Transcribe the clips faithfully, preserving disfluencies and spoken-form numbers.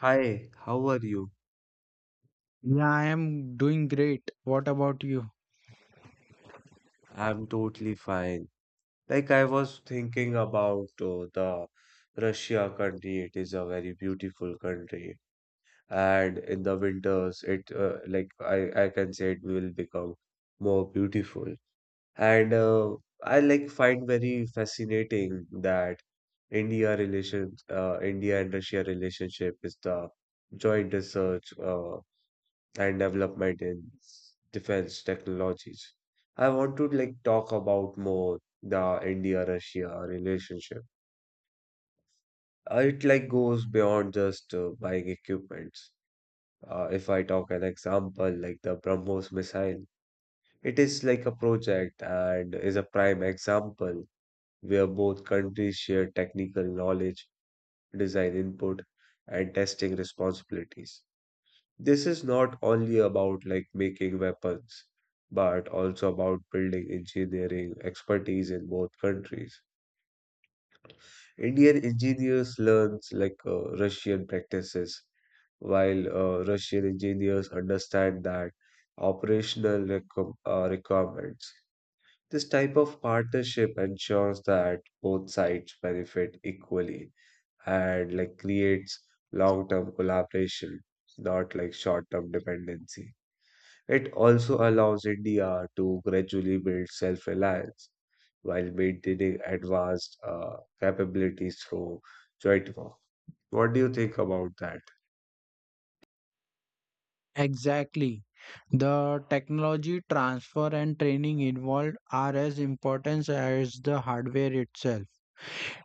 Hi, how are you? Yeah, I am doing great. What about you? I'm totally fine. Like I was thinking about uh, the Russia country. It is a very beautiful country, and in the winters, it uh, like I I can say it will become more beautiful. And uh, I like find very fascinating that India relations, uh, India and Russia relationship is the joint research uh, and development in defense technologies. I want to like talk about more the India-Russia relationship. Uh, it like goes beyond just uh, buying equipments. Uh, if I talk an example like the BrahMos missile, it is like a project and is a prime example where both countries share technical knowledge, design input, and testing responsibilities. This is not only about like making weapons, but also about building engineering expertise in both countries. Indian engineers learns like uh, Russian practices, while uh, Russian engineers understand that operational requ- uh, requirements. This type of partnership ensures that both sides benefit equally and like creates long-term collaboration, not like short-term dependency. It also allows India to gradually build self reliance while maintaining advanced uh, capabilities through joint work. What do you think about that? Exactly. The technology transfer and training involved are as important as the hardware itself.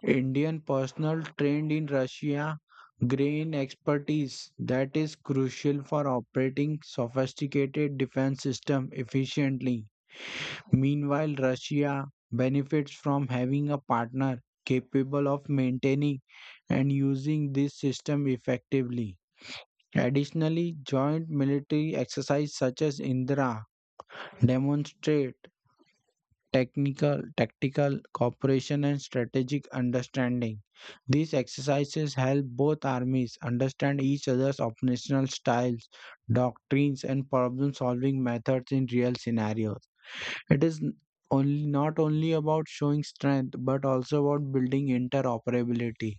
Indian personnel trained in Russia gain expertise that is crucial for operating sophisticated defense system efficiently. Meanwhile, Russia benefits from having a partner capable of maintaining and using this system effectively. Additionally, joint military exercises such as Indra demonstrate technical, tactical cooperation and strategic understanding. These exercises help both armies understand each other's operational styles, doctrines, and problem solving methods in real scenarios. It is only not only about showing strength but also about building interoperability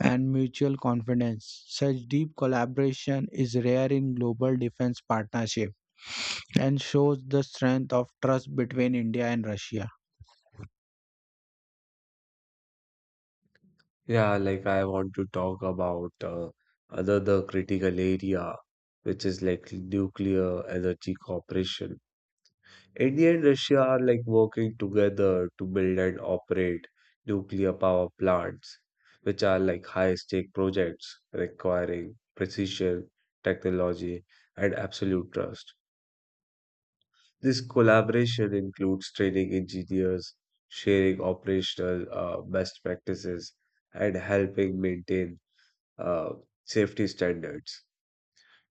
and mutual confidence. Such deep collaboration is rare in global defense partnership and shows the strength of trust between India and Russia. Yeah, like I want to talk about uh, another critical area, which is like nuclear energy cooperation. India and Russia are like working together to build and operate nuclear power plants, which are like high stake projects requiring precision, technology, and absolute trust. This collaboration includes training engineers, sharing operational uh, best practices, and helping maintain uh, safety standards.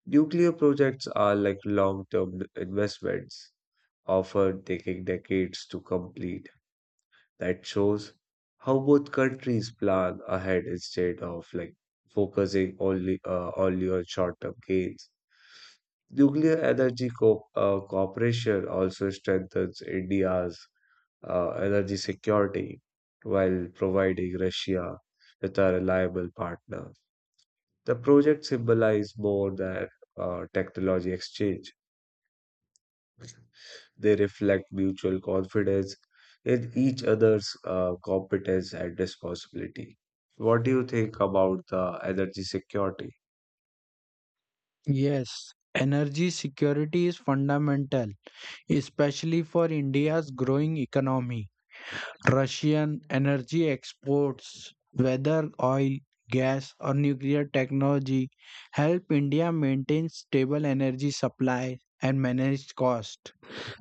Nuclear projects are like long term investments often taking decades to complete, that shows how both countries plan ahead instead of like focusing only uh, only on short-term gains. Nuclear energy co- uh, cooperation also strengthens India's uh, energy security while providing Russia with a reliable partner. The project symbolizes more than uh, technology exchange. They reflect mutual confidence in each other's uh, competence and responsibility. What do you think about the energy security? Yes, energy security is fundamental, especially for India's growing economy. Russian energy exports, whether oil, gas, or nuclear technology, help India maintain stable energy supply and manage cost.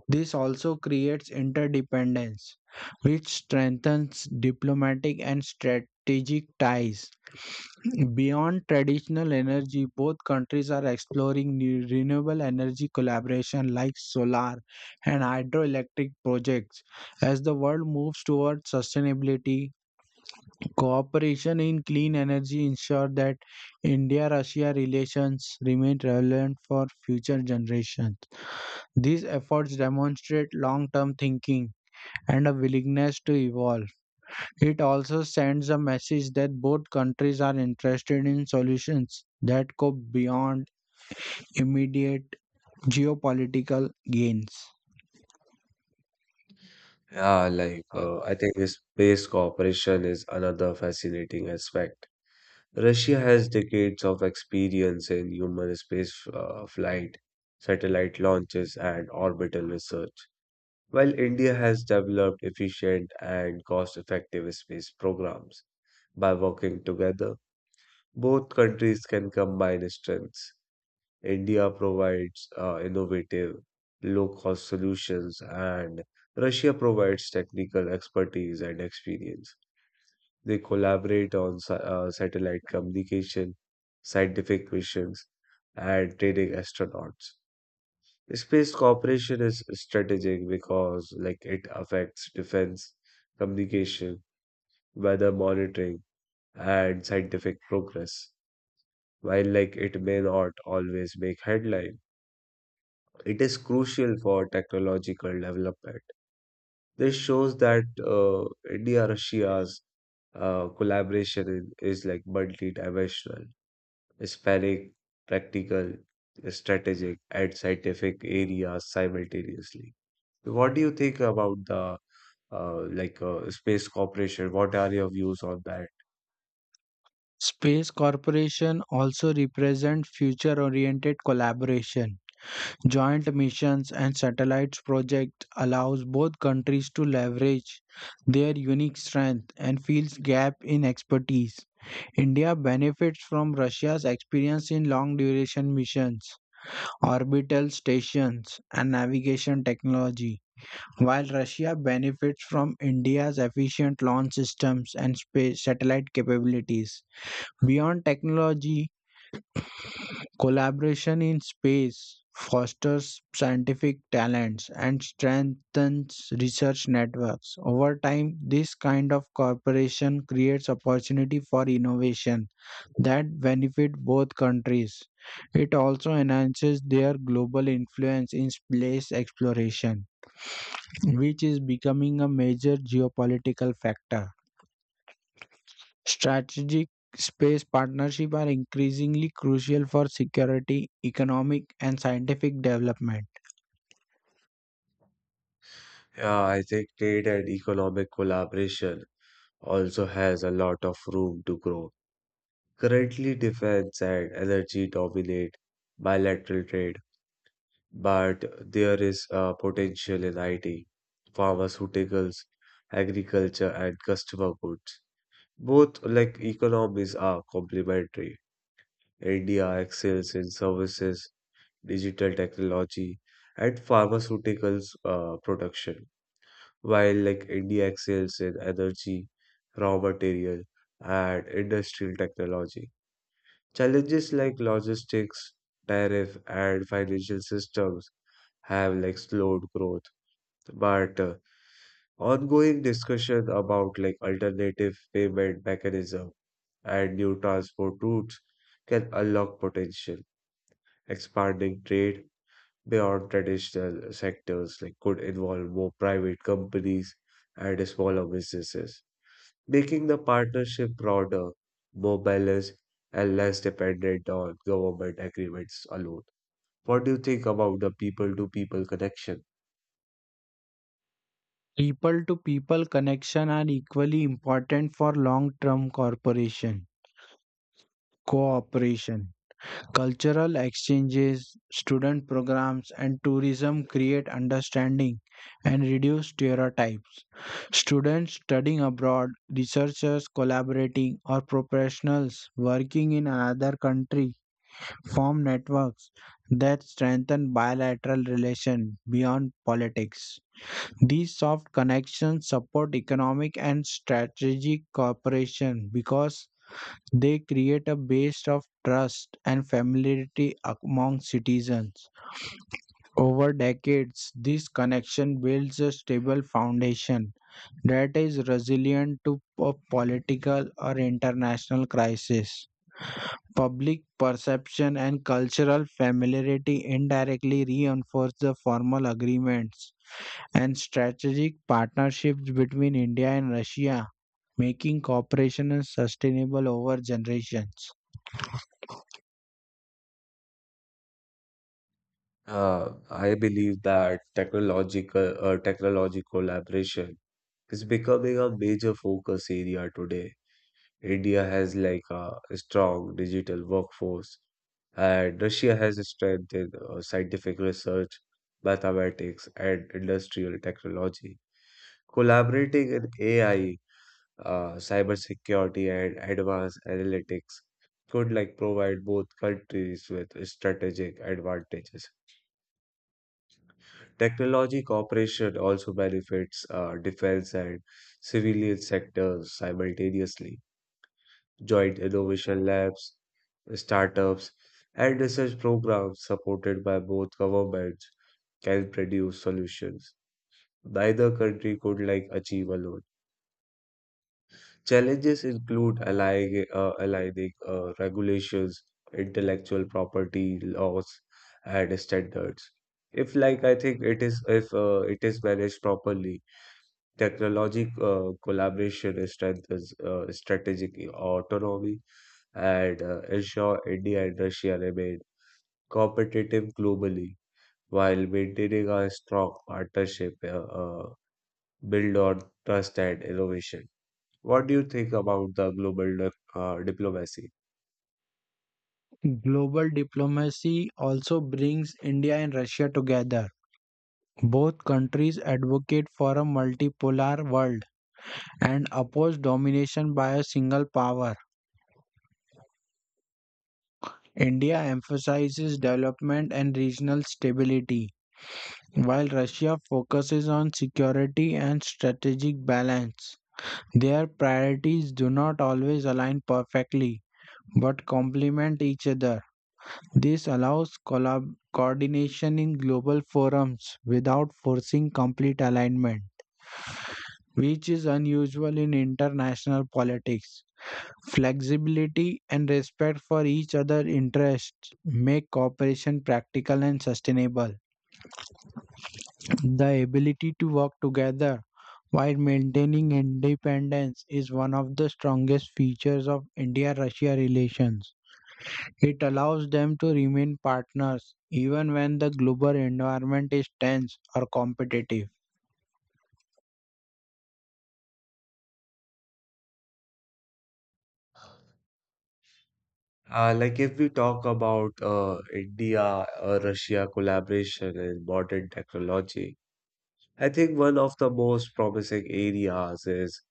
This also creates interdependence, which strengthens diplomatic and strategic ties. Beyond traditional energy, both countries are exploring new renewable energy collaboration like solar and hydroelectric projects. As the world moves towards sustainability, cooperation in clean energy ensures that India Russia relations remain relevant for future generations. These efforts demonstrate long term thinking and a willingness to evolve. It also sends a message that both countries are interested in solutions that go beyond immediate geopolitical gains. Yeah, like uh, I think space cooperation is another fascinating aspect. Russia has decades of experience in human space uh, flight, satellite launches, and orbital research, while India has developed efficient and cost-effective space programs. By working together, both countries can combine strengths. India provides uh, innovative, low-cost solutions, and Russia provides technical expertise and experience. They collaborate on sa- uh, satellite communication, scientific missions, and training astronauts. Space cooperation is strategic because, like, it affects defense, communication, weather monitoring, and scientific progress. While like it may not always make headline, it is crucial for technological development. This shows that uh, India-Russia's uh, collaboration in, is like multidimensional, spanning practical, strategic, and scientific areas simultaneously. What do you think about the uh, like uh, space cooperation? What are your views on that? Space Corporation also represent future oriented collaboration. Joint missions and satellites project allows both countries to leverage their unique strength and fills gap in expertise. India benefits from Russia's experience in long duration missions, orbital stations, and navigation technology, while Russia benefits from India's efficient launch systems and space satellite capabilities. Beyond technology, collaboration in space fosters scientific talents and strengthens research networks. Over time, this kind of cooperation creates opportunity for innovation that benefit both countries. It also enhances their global influence in space exploration, which is becoming a major geopolitical factor. Strategic space partnerships are increasingly crucial for security, economic, and scientific development. Yeah, I think trade and economic collaboration also has a lot of room to grow. Currently, defense and energy dominate bilateral trade, but there is uh, potential in I T, pharmaceuticals, agriculture, and consumer goods. Both like economies are complementary. India excels in services, digital technology, and pharmaceuticals uh, production, while like India excels in energy, raw material, and industrial technology. Challenges like logistics, tariff, and financial systems have like slowed growth, but uh, ongoing discussion about like alternative payment mechanism and new transport routes can unlock potential. Expanding trade beyond traditional sectors like could involve more private companies and smaller businesses, making the partnership broader, more balanced, and less dependent on government agreements alone. What do you think about the people-to-people connection? People to people connection are equally important for long term corporation cooperation. Cultural exchanges, student programs, and tourism create understanding and reduce stereotypes. Students studying abroad, researchers collaborating, or professionals working in another country form networks that strengthen bilateral relations beyond politics. These soft connections support economic and strategic cooperation because they create a base of trust and familiarity among citizens. Over decades, this connection builds a stable foundation that is resilient to po- political or international crisis. Public perception and cultural familiarity indirectly reinforce the formal agreements and strategic partnerships between India and Russia, making cooperation sustainable over generations. Uh, I believe that technological uh, technology collaboration is becoming a major focus area today. India has like a strong digital workforce, and Russia has strengthened uh, scientific research, mathematics, and industrial technology. Collaborating in A I uh, cybersecurity and advanced analytics could like provide both countries with strategic advantages. Technology cooperation also benefits uh, defense and civilian sectors simultaneously. Joint innovation labs, startups, and research programs supported by both governments can produce solutions. Neither country could like achieve alone. Challenges include aligning, uh, aligning uh, regulations, intellectual property laws, and standards. If, like, I think it is, if uh, it is managed properly, technology uh, collaboration strengthens uh, strategic autonomy and uh, ensure India and Russia remain competitive globally while maintaining a strong partnership uh, uh, built on trust and innovation. What do you think about the global dip- uh, diplomacy? Global diplomacy also brings India and Russia together. Both countries advocate for a multipolar world and oppose domination by a single power. India emphasizes development and regional stability, while Russia focuses on security and strategic balance. Their priorities do not always align perfectly, but complement each other. This allows collab- coordination in global forums without forcing complete alignment, which is unusual in international politics. Flexibility and respect for each other's interests make cooperation practical and sustainable. The ability to work together while maintaining independence is one of the strongest features of India Russia relations. It allows them to remain partners even when the global environment is tense or competitive. Uh, like if we talk about uh, India uh, Russia collaboration in modern technology, I think one of the most promising areas is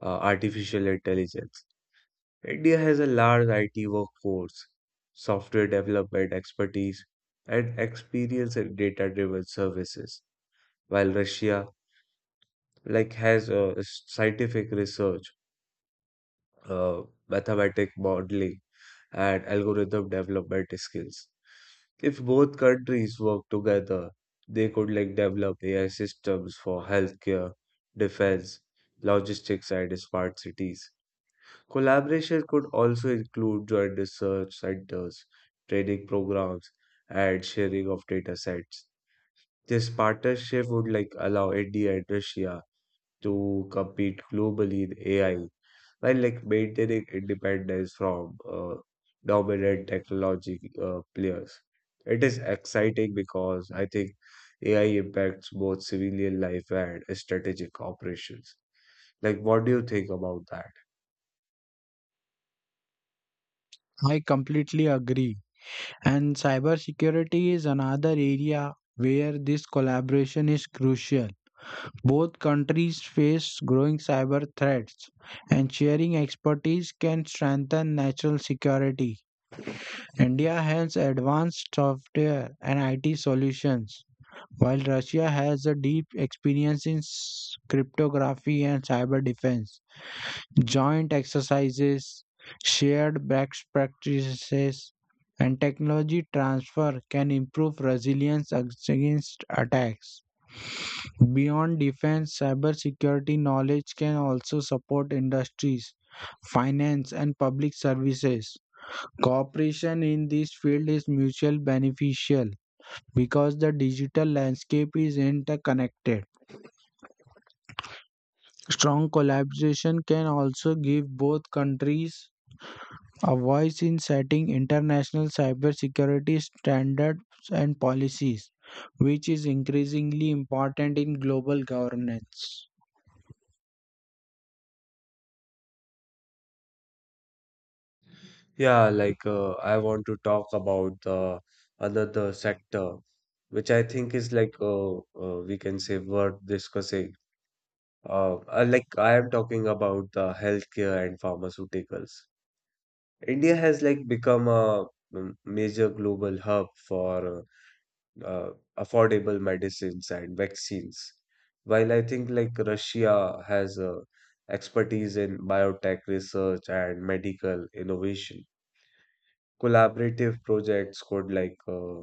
uh, artificial intelligence. India has a large I T workforce, software development expertise, and experience in data-driven services, while Russia like has uh, s- scientific research, uh, mathematic modeling and algorithm development skills. If both countries work together, they could like develop A I systems for healthcare, defense, logistics, and smart cities. Collaboration could also include joint research centers, training programs, and sharing of data sets. This partnership would like allow India and Russia to compete globally in A I while like maintaining independence from uh, dominant technology uh, players. It is exciting because I think A I impacts both civilian life and strategic operations. Like, what do you think about that? I completely agree. And cybersecurity is another area where this collaboration is crucial. Both countries face growing cyber threats, and sharing expertise can strengthen national security. India has advanced software and I T solutions. While Russia has a deep experience in s- cryptography and cyber defense, joint exercises, shared best practices, and technology transfer can improve resilience ag- against attacks. Beyond defense, cybersecurity knowledge can also support industries, finance, and public services. Cooperation in this field is mutually beneficial because the digital landscape is interconnected. Strong collaboration can also give both countries a voice in setting international cybersecurity standards and policies, which is increasingly important in global governance. Yeah, like uh, I want to talk about the another sector, which I think is like uh, uh, we can say worth discussing. Uh, uh, like I am talking about the healthcare and pharmaceuticals. India has like become a m- major global hub for uh, affordable medicines and vaccines. While I think like Russia has uh, expertise in biotech research and medical innovation. Collaborative projects could like uh,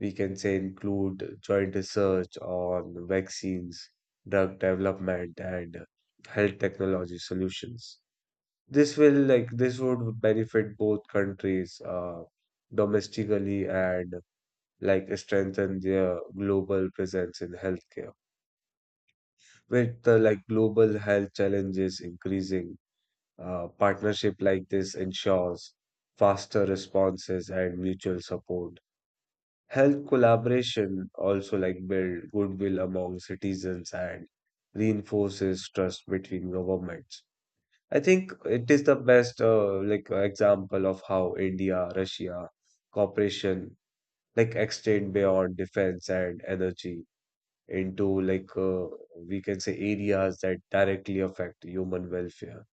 we can say include joint research on vaccines, drug development, and health technology solutions. This will like this would benefit both countries uh, domestically and like strengthen their global presence in healthcare. With the like global health challenges increasing, uh, partnership like this ensures faster responses and mutual support. Health collaboration also like build goodwill among citizens and reinforces trust between governments. I think it is the best uh, like uh, example of how India Russia cooperation like extend beyond defense and energy into like uh, we can say areas that directly affect human welfare.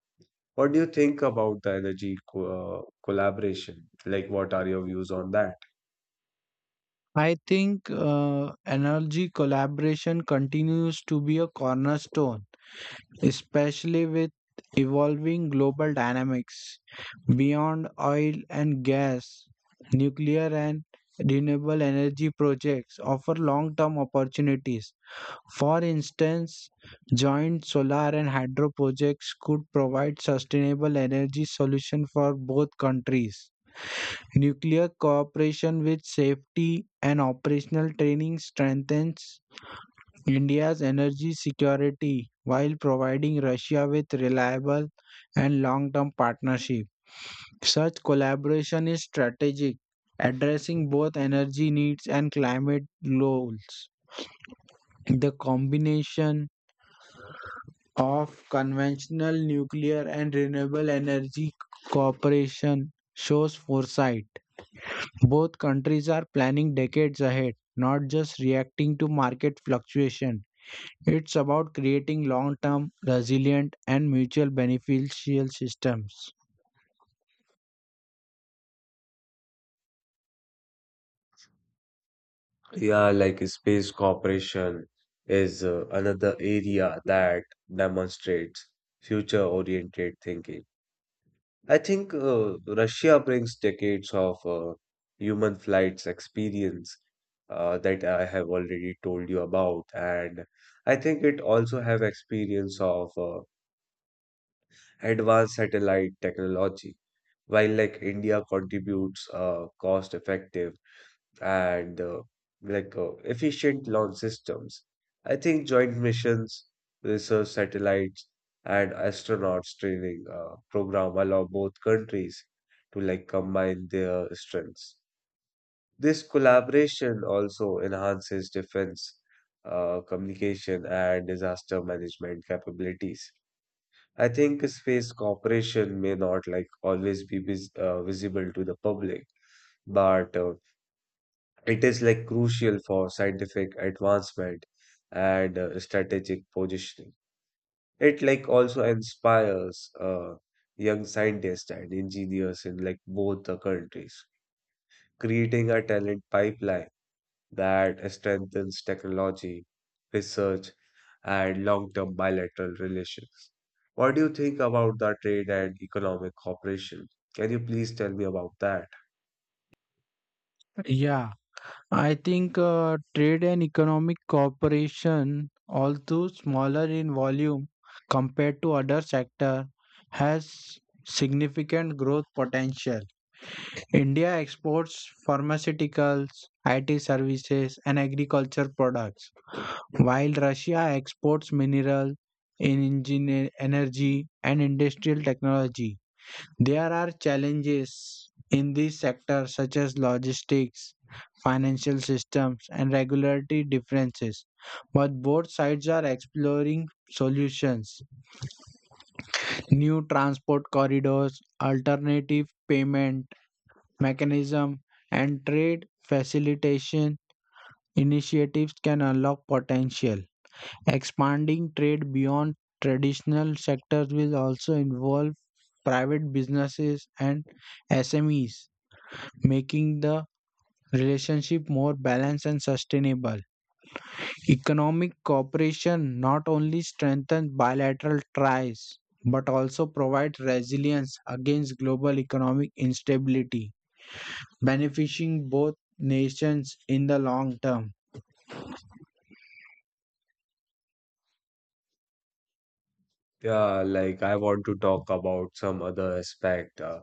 What do you think about the energy co- uh, collaboration? Like, what are your views on that? I think uh, energy collaboration continues to be a cornerstone, especially with evolving global dynamics beyond oil and gas. Nuclear and renewable energy projects offer long term opportunities. For instance, joint solar and hydro projects could provide sustainable energy solutions for both countries. Nuclear cooperation with safety and operational training strengthens India's energy security while providing Russia with reliable and long-term partnership. Such collaboration is strategic, addressing both energy needs and climate goals. The combination of conventional nuclear and renewable energy cooperation shows foresight. Both countries are planning decades ahead, not just reacting to market fluctuation. It's about creating long-term, resilient, and mutual beneficial systems. Yeah, like space cooperation is uh, another area that demonstrates future-oriented thinking. I think uh, Russia brings decades of uh, human flights experience uh, that I have already told you about, and I think it also have experience of uh, advanced satellite technology, while like India contributes uh, cost-effective and uh, like uh, efficient launch systems. I think joint missions, research satellites, and astronauts training uh, program allow both countries to like combine their strengths. This collaboration also enhances defense, uh, communication, and disaster management capabilities. I think space cooperation may not like always be vis- uh, visible to the public, but uh, it is like crucial for scientific advancement and uh, strategic positioning. It like also inspires uh, young scientists and engineers in like both the countries, creating a talent pipeline that strengthens technology, research, and long-term bilateral relations. What do you think about the trade and economic cooperation? Can you please tell me about that? Yeah, I think uh, trade and economic cooperation, although smaller in volume compared to other sector, has significant growth potential. India exports pharmaceuticals, I T services, and agriculture products, while Russia exports mineral, engineer, energy, and industrial technology. There are challenges in this sector, such as logistics, financial systems, and regulatory differences, but both sides are exploring solutions. New transport corridors, alternative payment mechanism, and trade facilitation initiatives can unlock potential. Expanding trade beyond traditional sectors will also involve private businesses and S M Es, making the relationship more balanced and sustainable. Economic cooperation not only strengthens bilateral ties but also provides resilience against global economic instability, benefiting both nations in the long term. Yeah, like I want to talk about some other aspect, uh,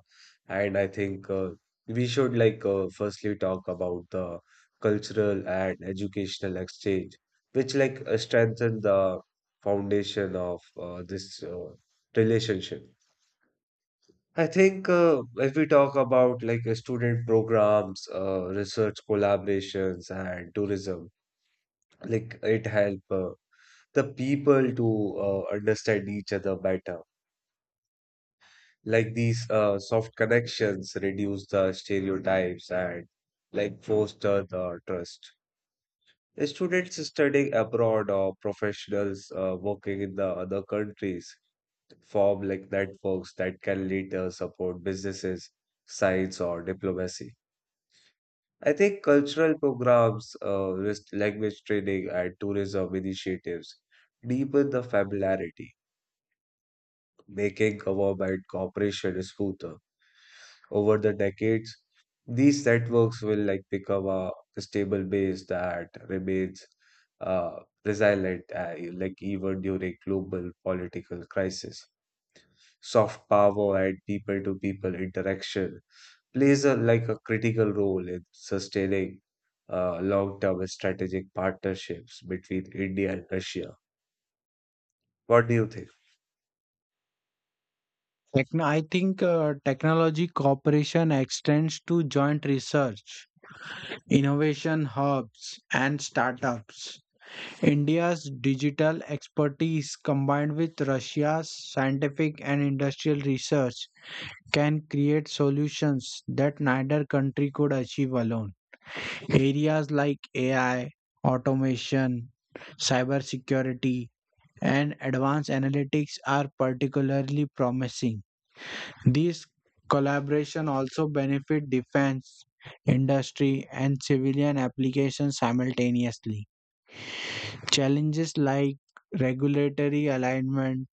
and I think uh, we should like uh, firstly talk about the cultural and educational exchange, which like uh, strengthen the foundation of uh, this uh, relationship. I think uh, if we talk about like uh, student programs, uh, research collaborations, and tourism, like it help uh, the people to uh, understand each other better like these uh, soft connections reduce the stereotypes and like foster the trust. Students studying abroad or professionals uh, working in the other countries form like networks that can later support businesses, science, or diplomacy. I think cultural programs, uh, with language training, and tourism initiatives deepen the familiarity, making government cooperation smoother. Over the decades, these networks will like become a stable base that remains uh, resilient, uh, like even during global political crisis. Soft power and people-to-people interaction plays a like a critical role in sustaining uh, long-term strategic partnerships between India and Russia. What do you think? Techno- I think uh, technology cooperation extends to joint research, innovation hubs, and startups. India's digital expertise combined with Russia's scientific and industrial research can create solutions that neither country could achieve alone. Areas like A I, automation, cybersecurity, and advanced analytics are particularly promising. These collaboration also benefit defense, industry, and civilian applications simultaneously. Challenges like regulatory alignment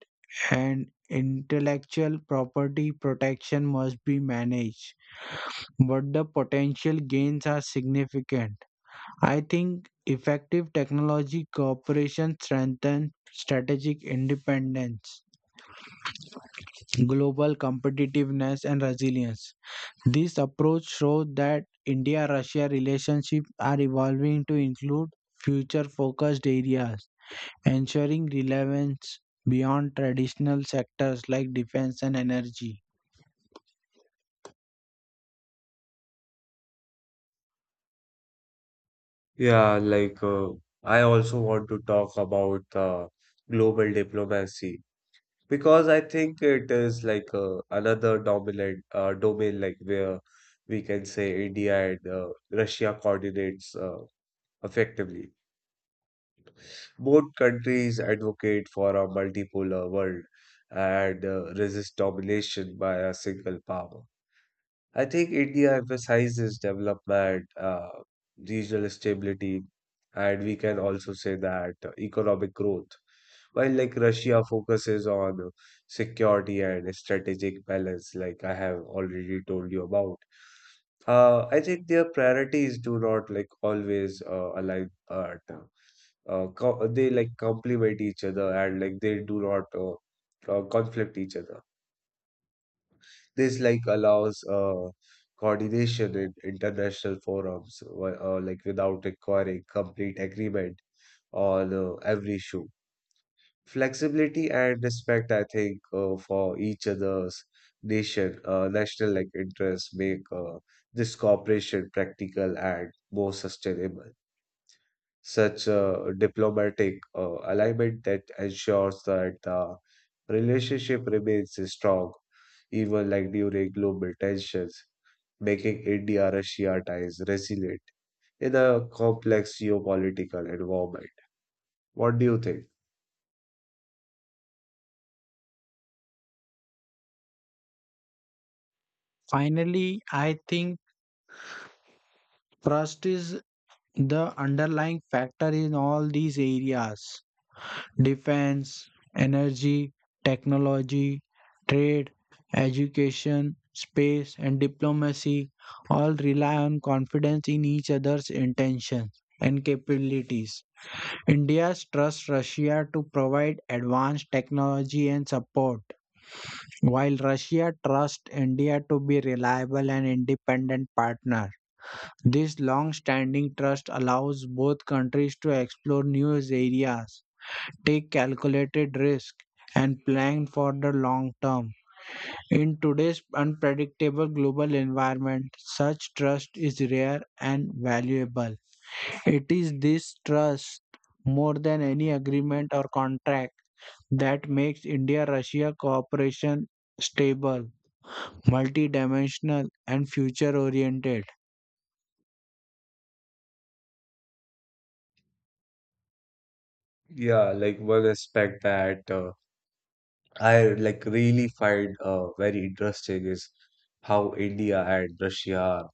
and intellectual property protection must be managed, but the potential gains are significant. I think effective technology cooperation strengthens strategic independence, global competitiveness, and resilience. This approach shows that India Russia relationships are evolving to include future focused areas, ensuring relevance beyond traditional sectors like defense and energy. Yeah, like uh, I also want to talk about uh, global diplomacy because I think it is like uh, another dominant uh, domain, like where we can say India and uh, Russia coordinates uh, effectively. Both countries advocate for a multipolar world and uh, resist domination by a single power. I think India emphasizes development, uh, regional stability, and we can also say that uh, economic growth. While like Russia focuses on uh, security and strategic balance, like I have already told you about. Uh, I think their priorities do not like always uh, align. Uh, t- uh, co- they like complement each other and like they do not uh, uh, conflict each other. This like allows uh, coordination in international forums, wi- uh, like without requiring complete agreement on uh, every issue. Flexibility and respect, I think, uh, for each other's nation, uh, national like interests make uh, this cooperation practical and more sustainable such a diplomatic uh, alignment that ensures that the relationship remains strong, even like during global tensions, making India-Russia ties resilient in a complex geopolitical environment. What do you think? Finally, I think trust is the underlying factor in all these areas. Defense, energy, technology, trade, education, space, and diplomacy all rely on confidence in each other's intentions and capabilities. India's trusts Russia to provide advanced technology and support. While Russia trusts India to be reliable and independent partner, this long-standing trust allows both countries to explore new areas, take calculated risk, and plan for the long term. In today's unpredictable global environment, such trust is rare and valuable. It is this trust, more than any agreement or contract, that makes India Russia cooperation stable, multidimensional and future oriented. Yeah, like one aspect that uh, I like really find uh, very interesting is how India and Russia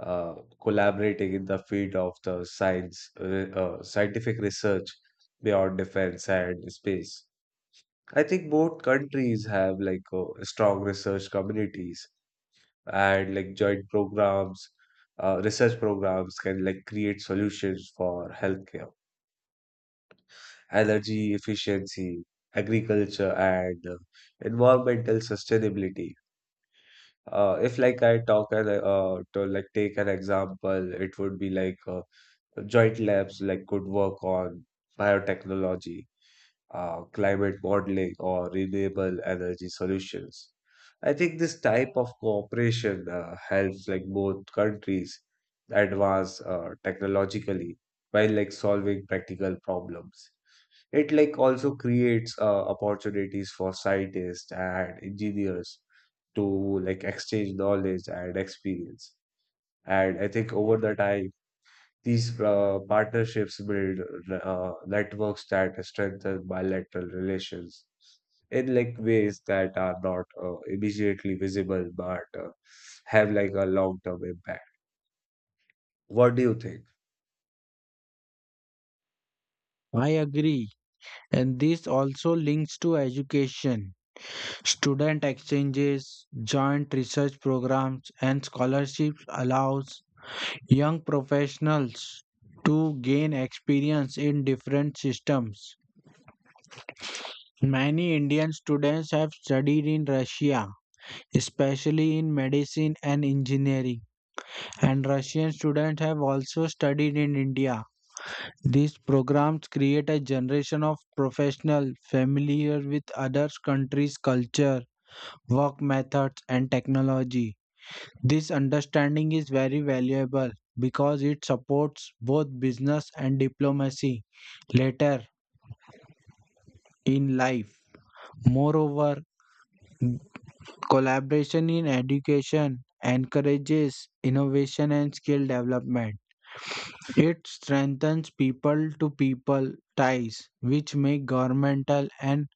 uh, collaborating in the field of the science, uh, uh, scientific research beyond defense and space. I think both countries have like uh, strong research communities and like joint programs, uh, research programs can like create solutions for healthcare, energy efficiency, agriculture, and uh, environmental sustainability. Uh, if like I talk and uh, to like take an example, it would be like uh, joint labs like could work on biotechnology, uh, climate modeling, or renewable energy solutions. I think this type of cooperation uh, helps like both countries advance uh, technologically while like solving practical problems. It like also creates uh, opportunities for scientists and engineers to like exchange knowledge and experience. And I think over the time these uh, partnerships build uh, networks that strengthen bilateral relations in like ways that are not uh, immediately visible but uh, have like a long-term impact. What do you think? I agree. And this also links to education. Student exchanges, joint research programs and scholarships allows young professionals to gain experience in different systems. Many Indian students have studied in Russia, especially in medicine and engineering, and Russian students have also studied in India. These programs create a generation of professionals familiar with other countries' culture, work methods, and technology. This understanding is very valuable because it supports both business and diplomacy later in life. Moreover, collaboration in education encourages innovation and skill development. It strengthens people to people ties, which make governmental and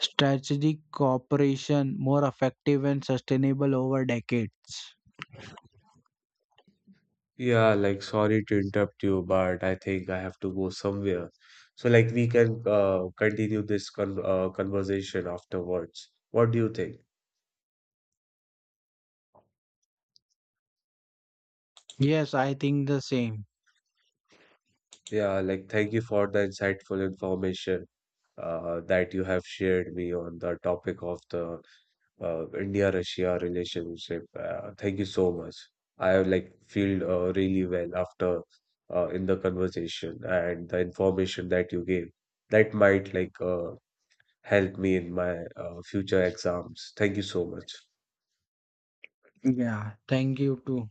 strategic cooperation more effective and sustainable over decades. Yeah, like sorry to interrupt you, but I think I have to go somewhere. So like we can uh, continue this con uh, conversation afterwards. What do you think? Yes, I think the same. Yeah, like thank you for the insightful information uh, that you have shared me on the topic of the uh, India-Russia relationship. Uh, thank you so much. I like feel uh, really well after uh, in the conversation and the information that you gave. That might like uh, help me in my uh, future exams. Thank you so much. Yeah, thank you too.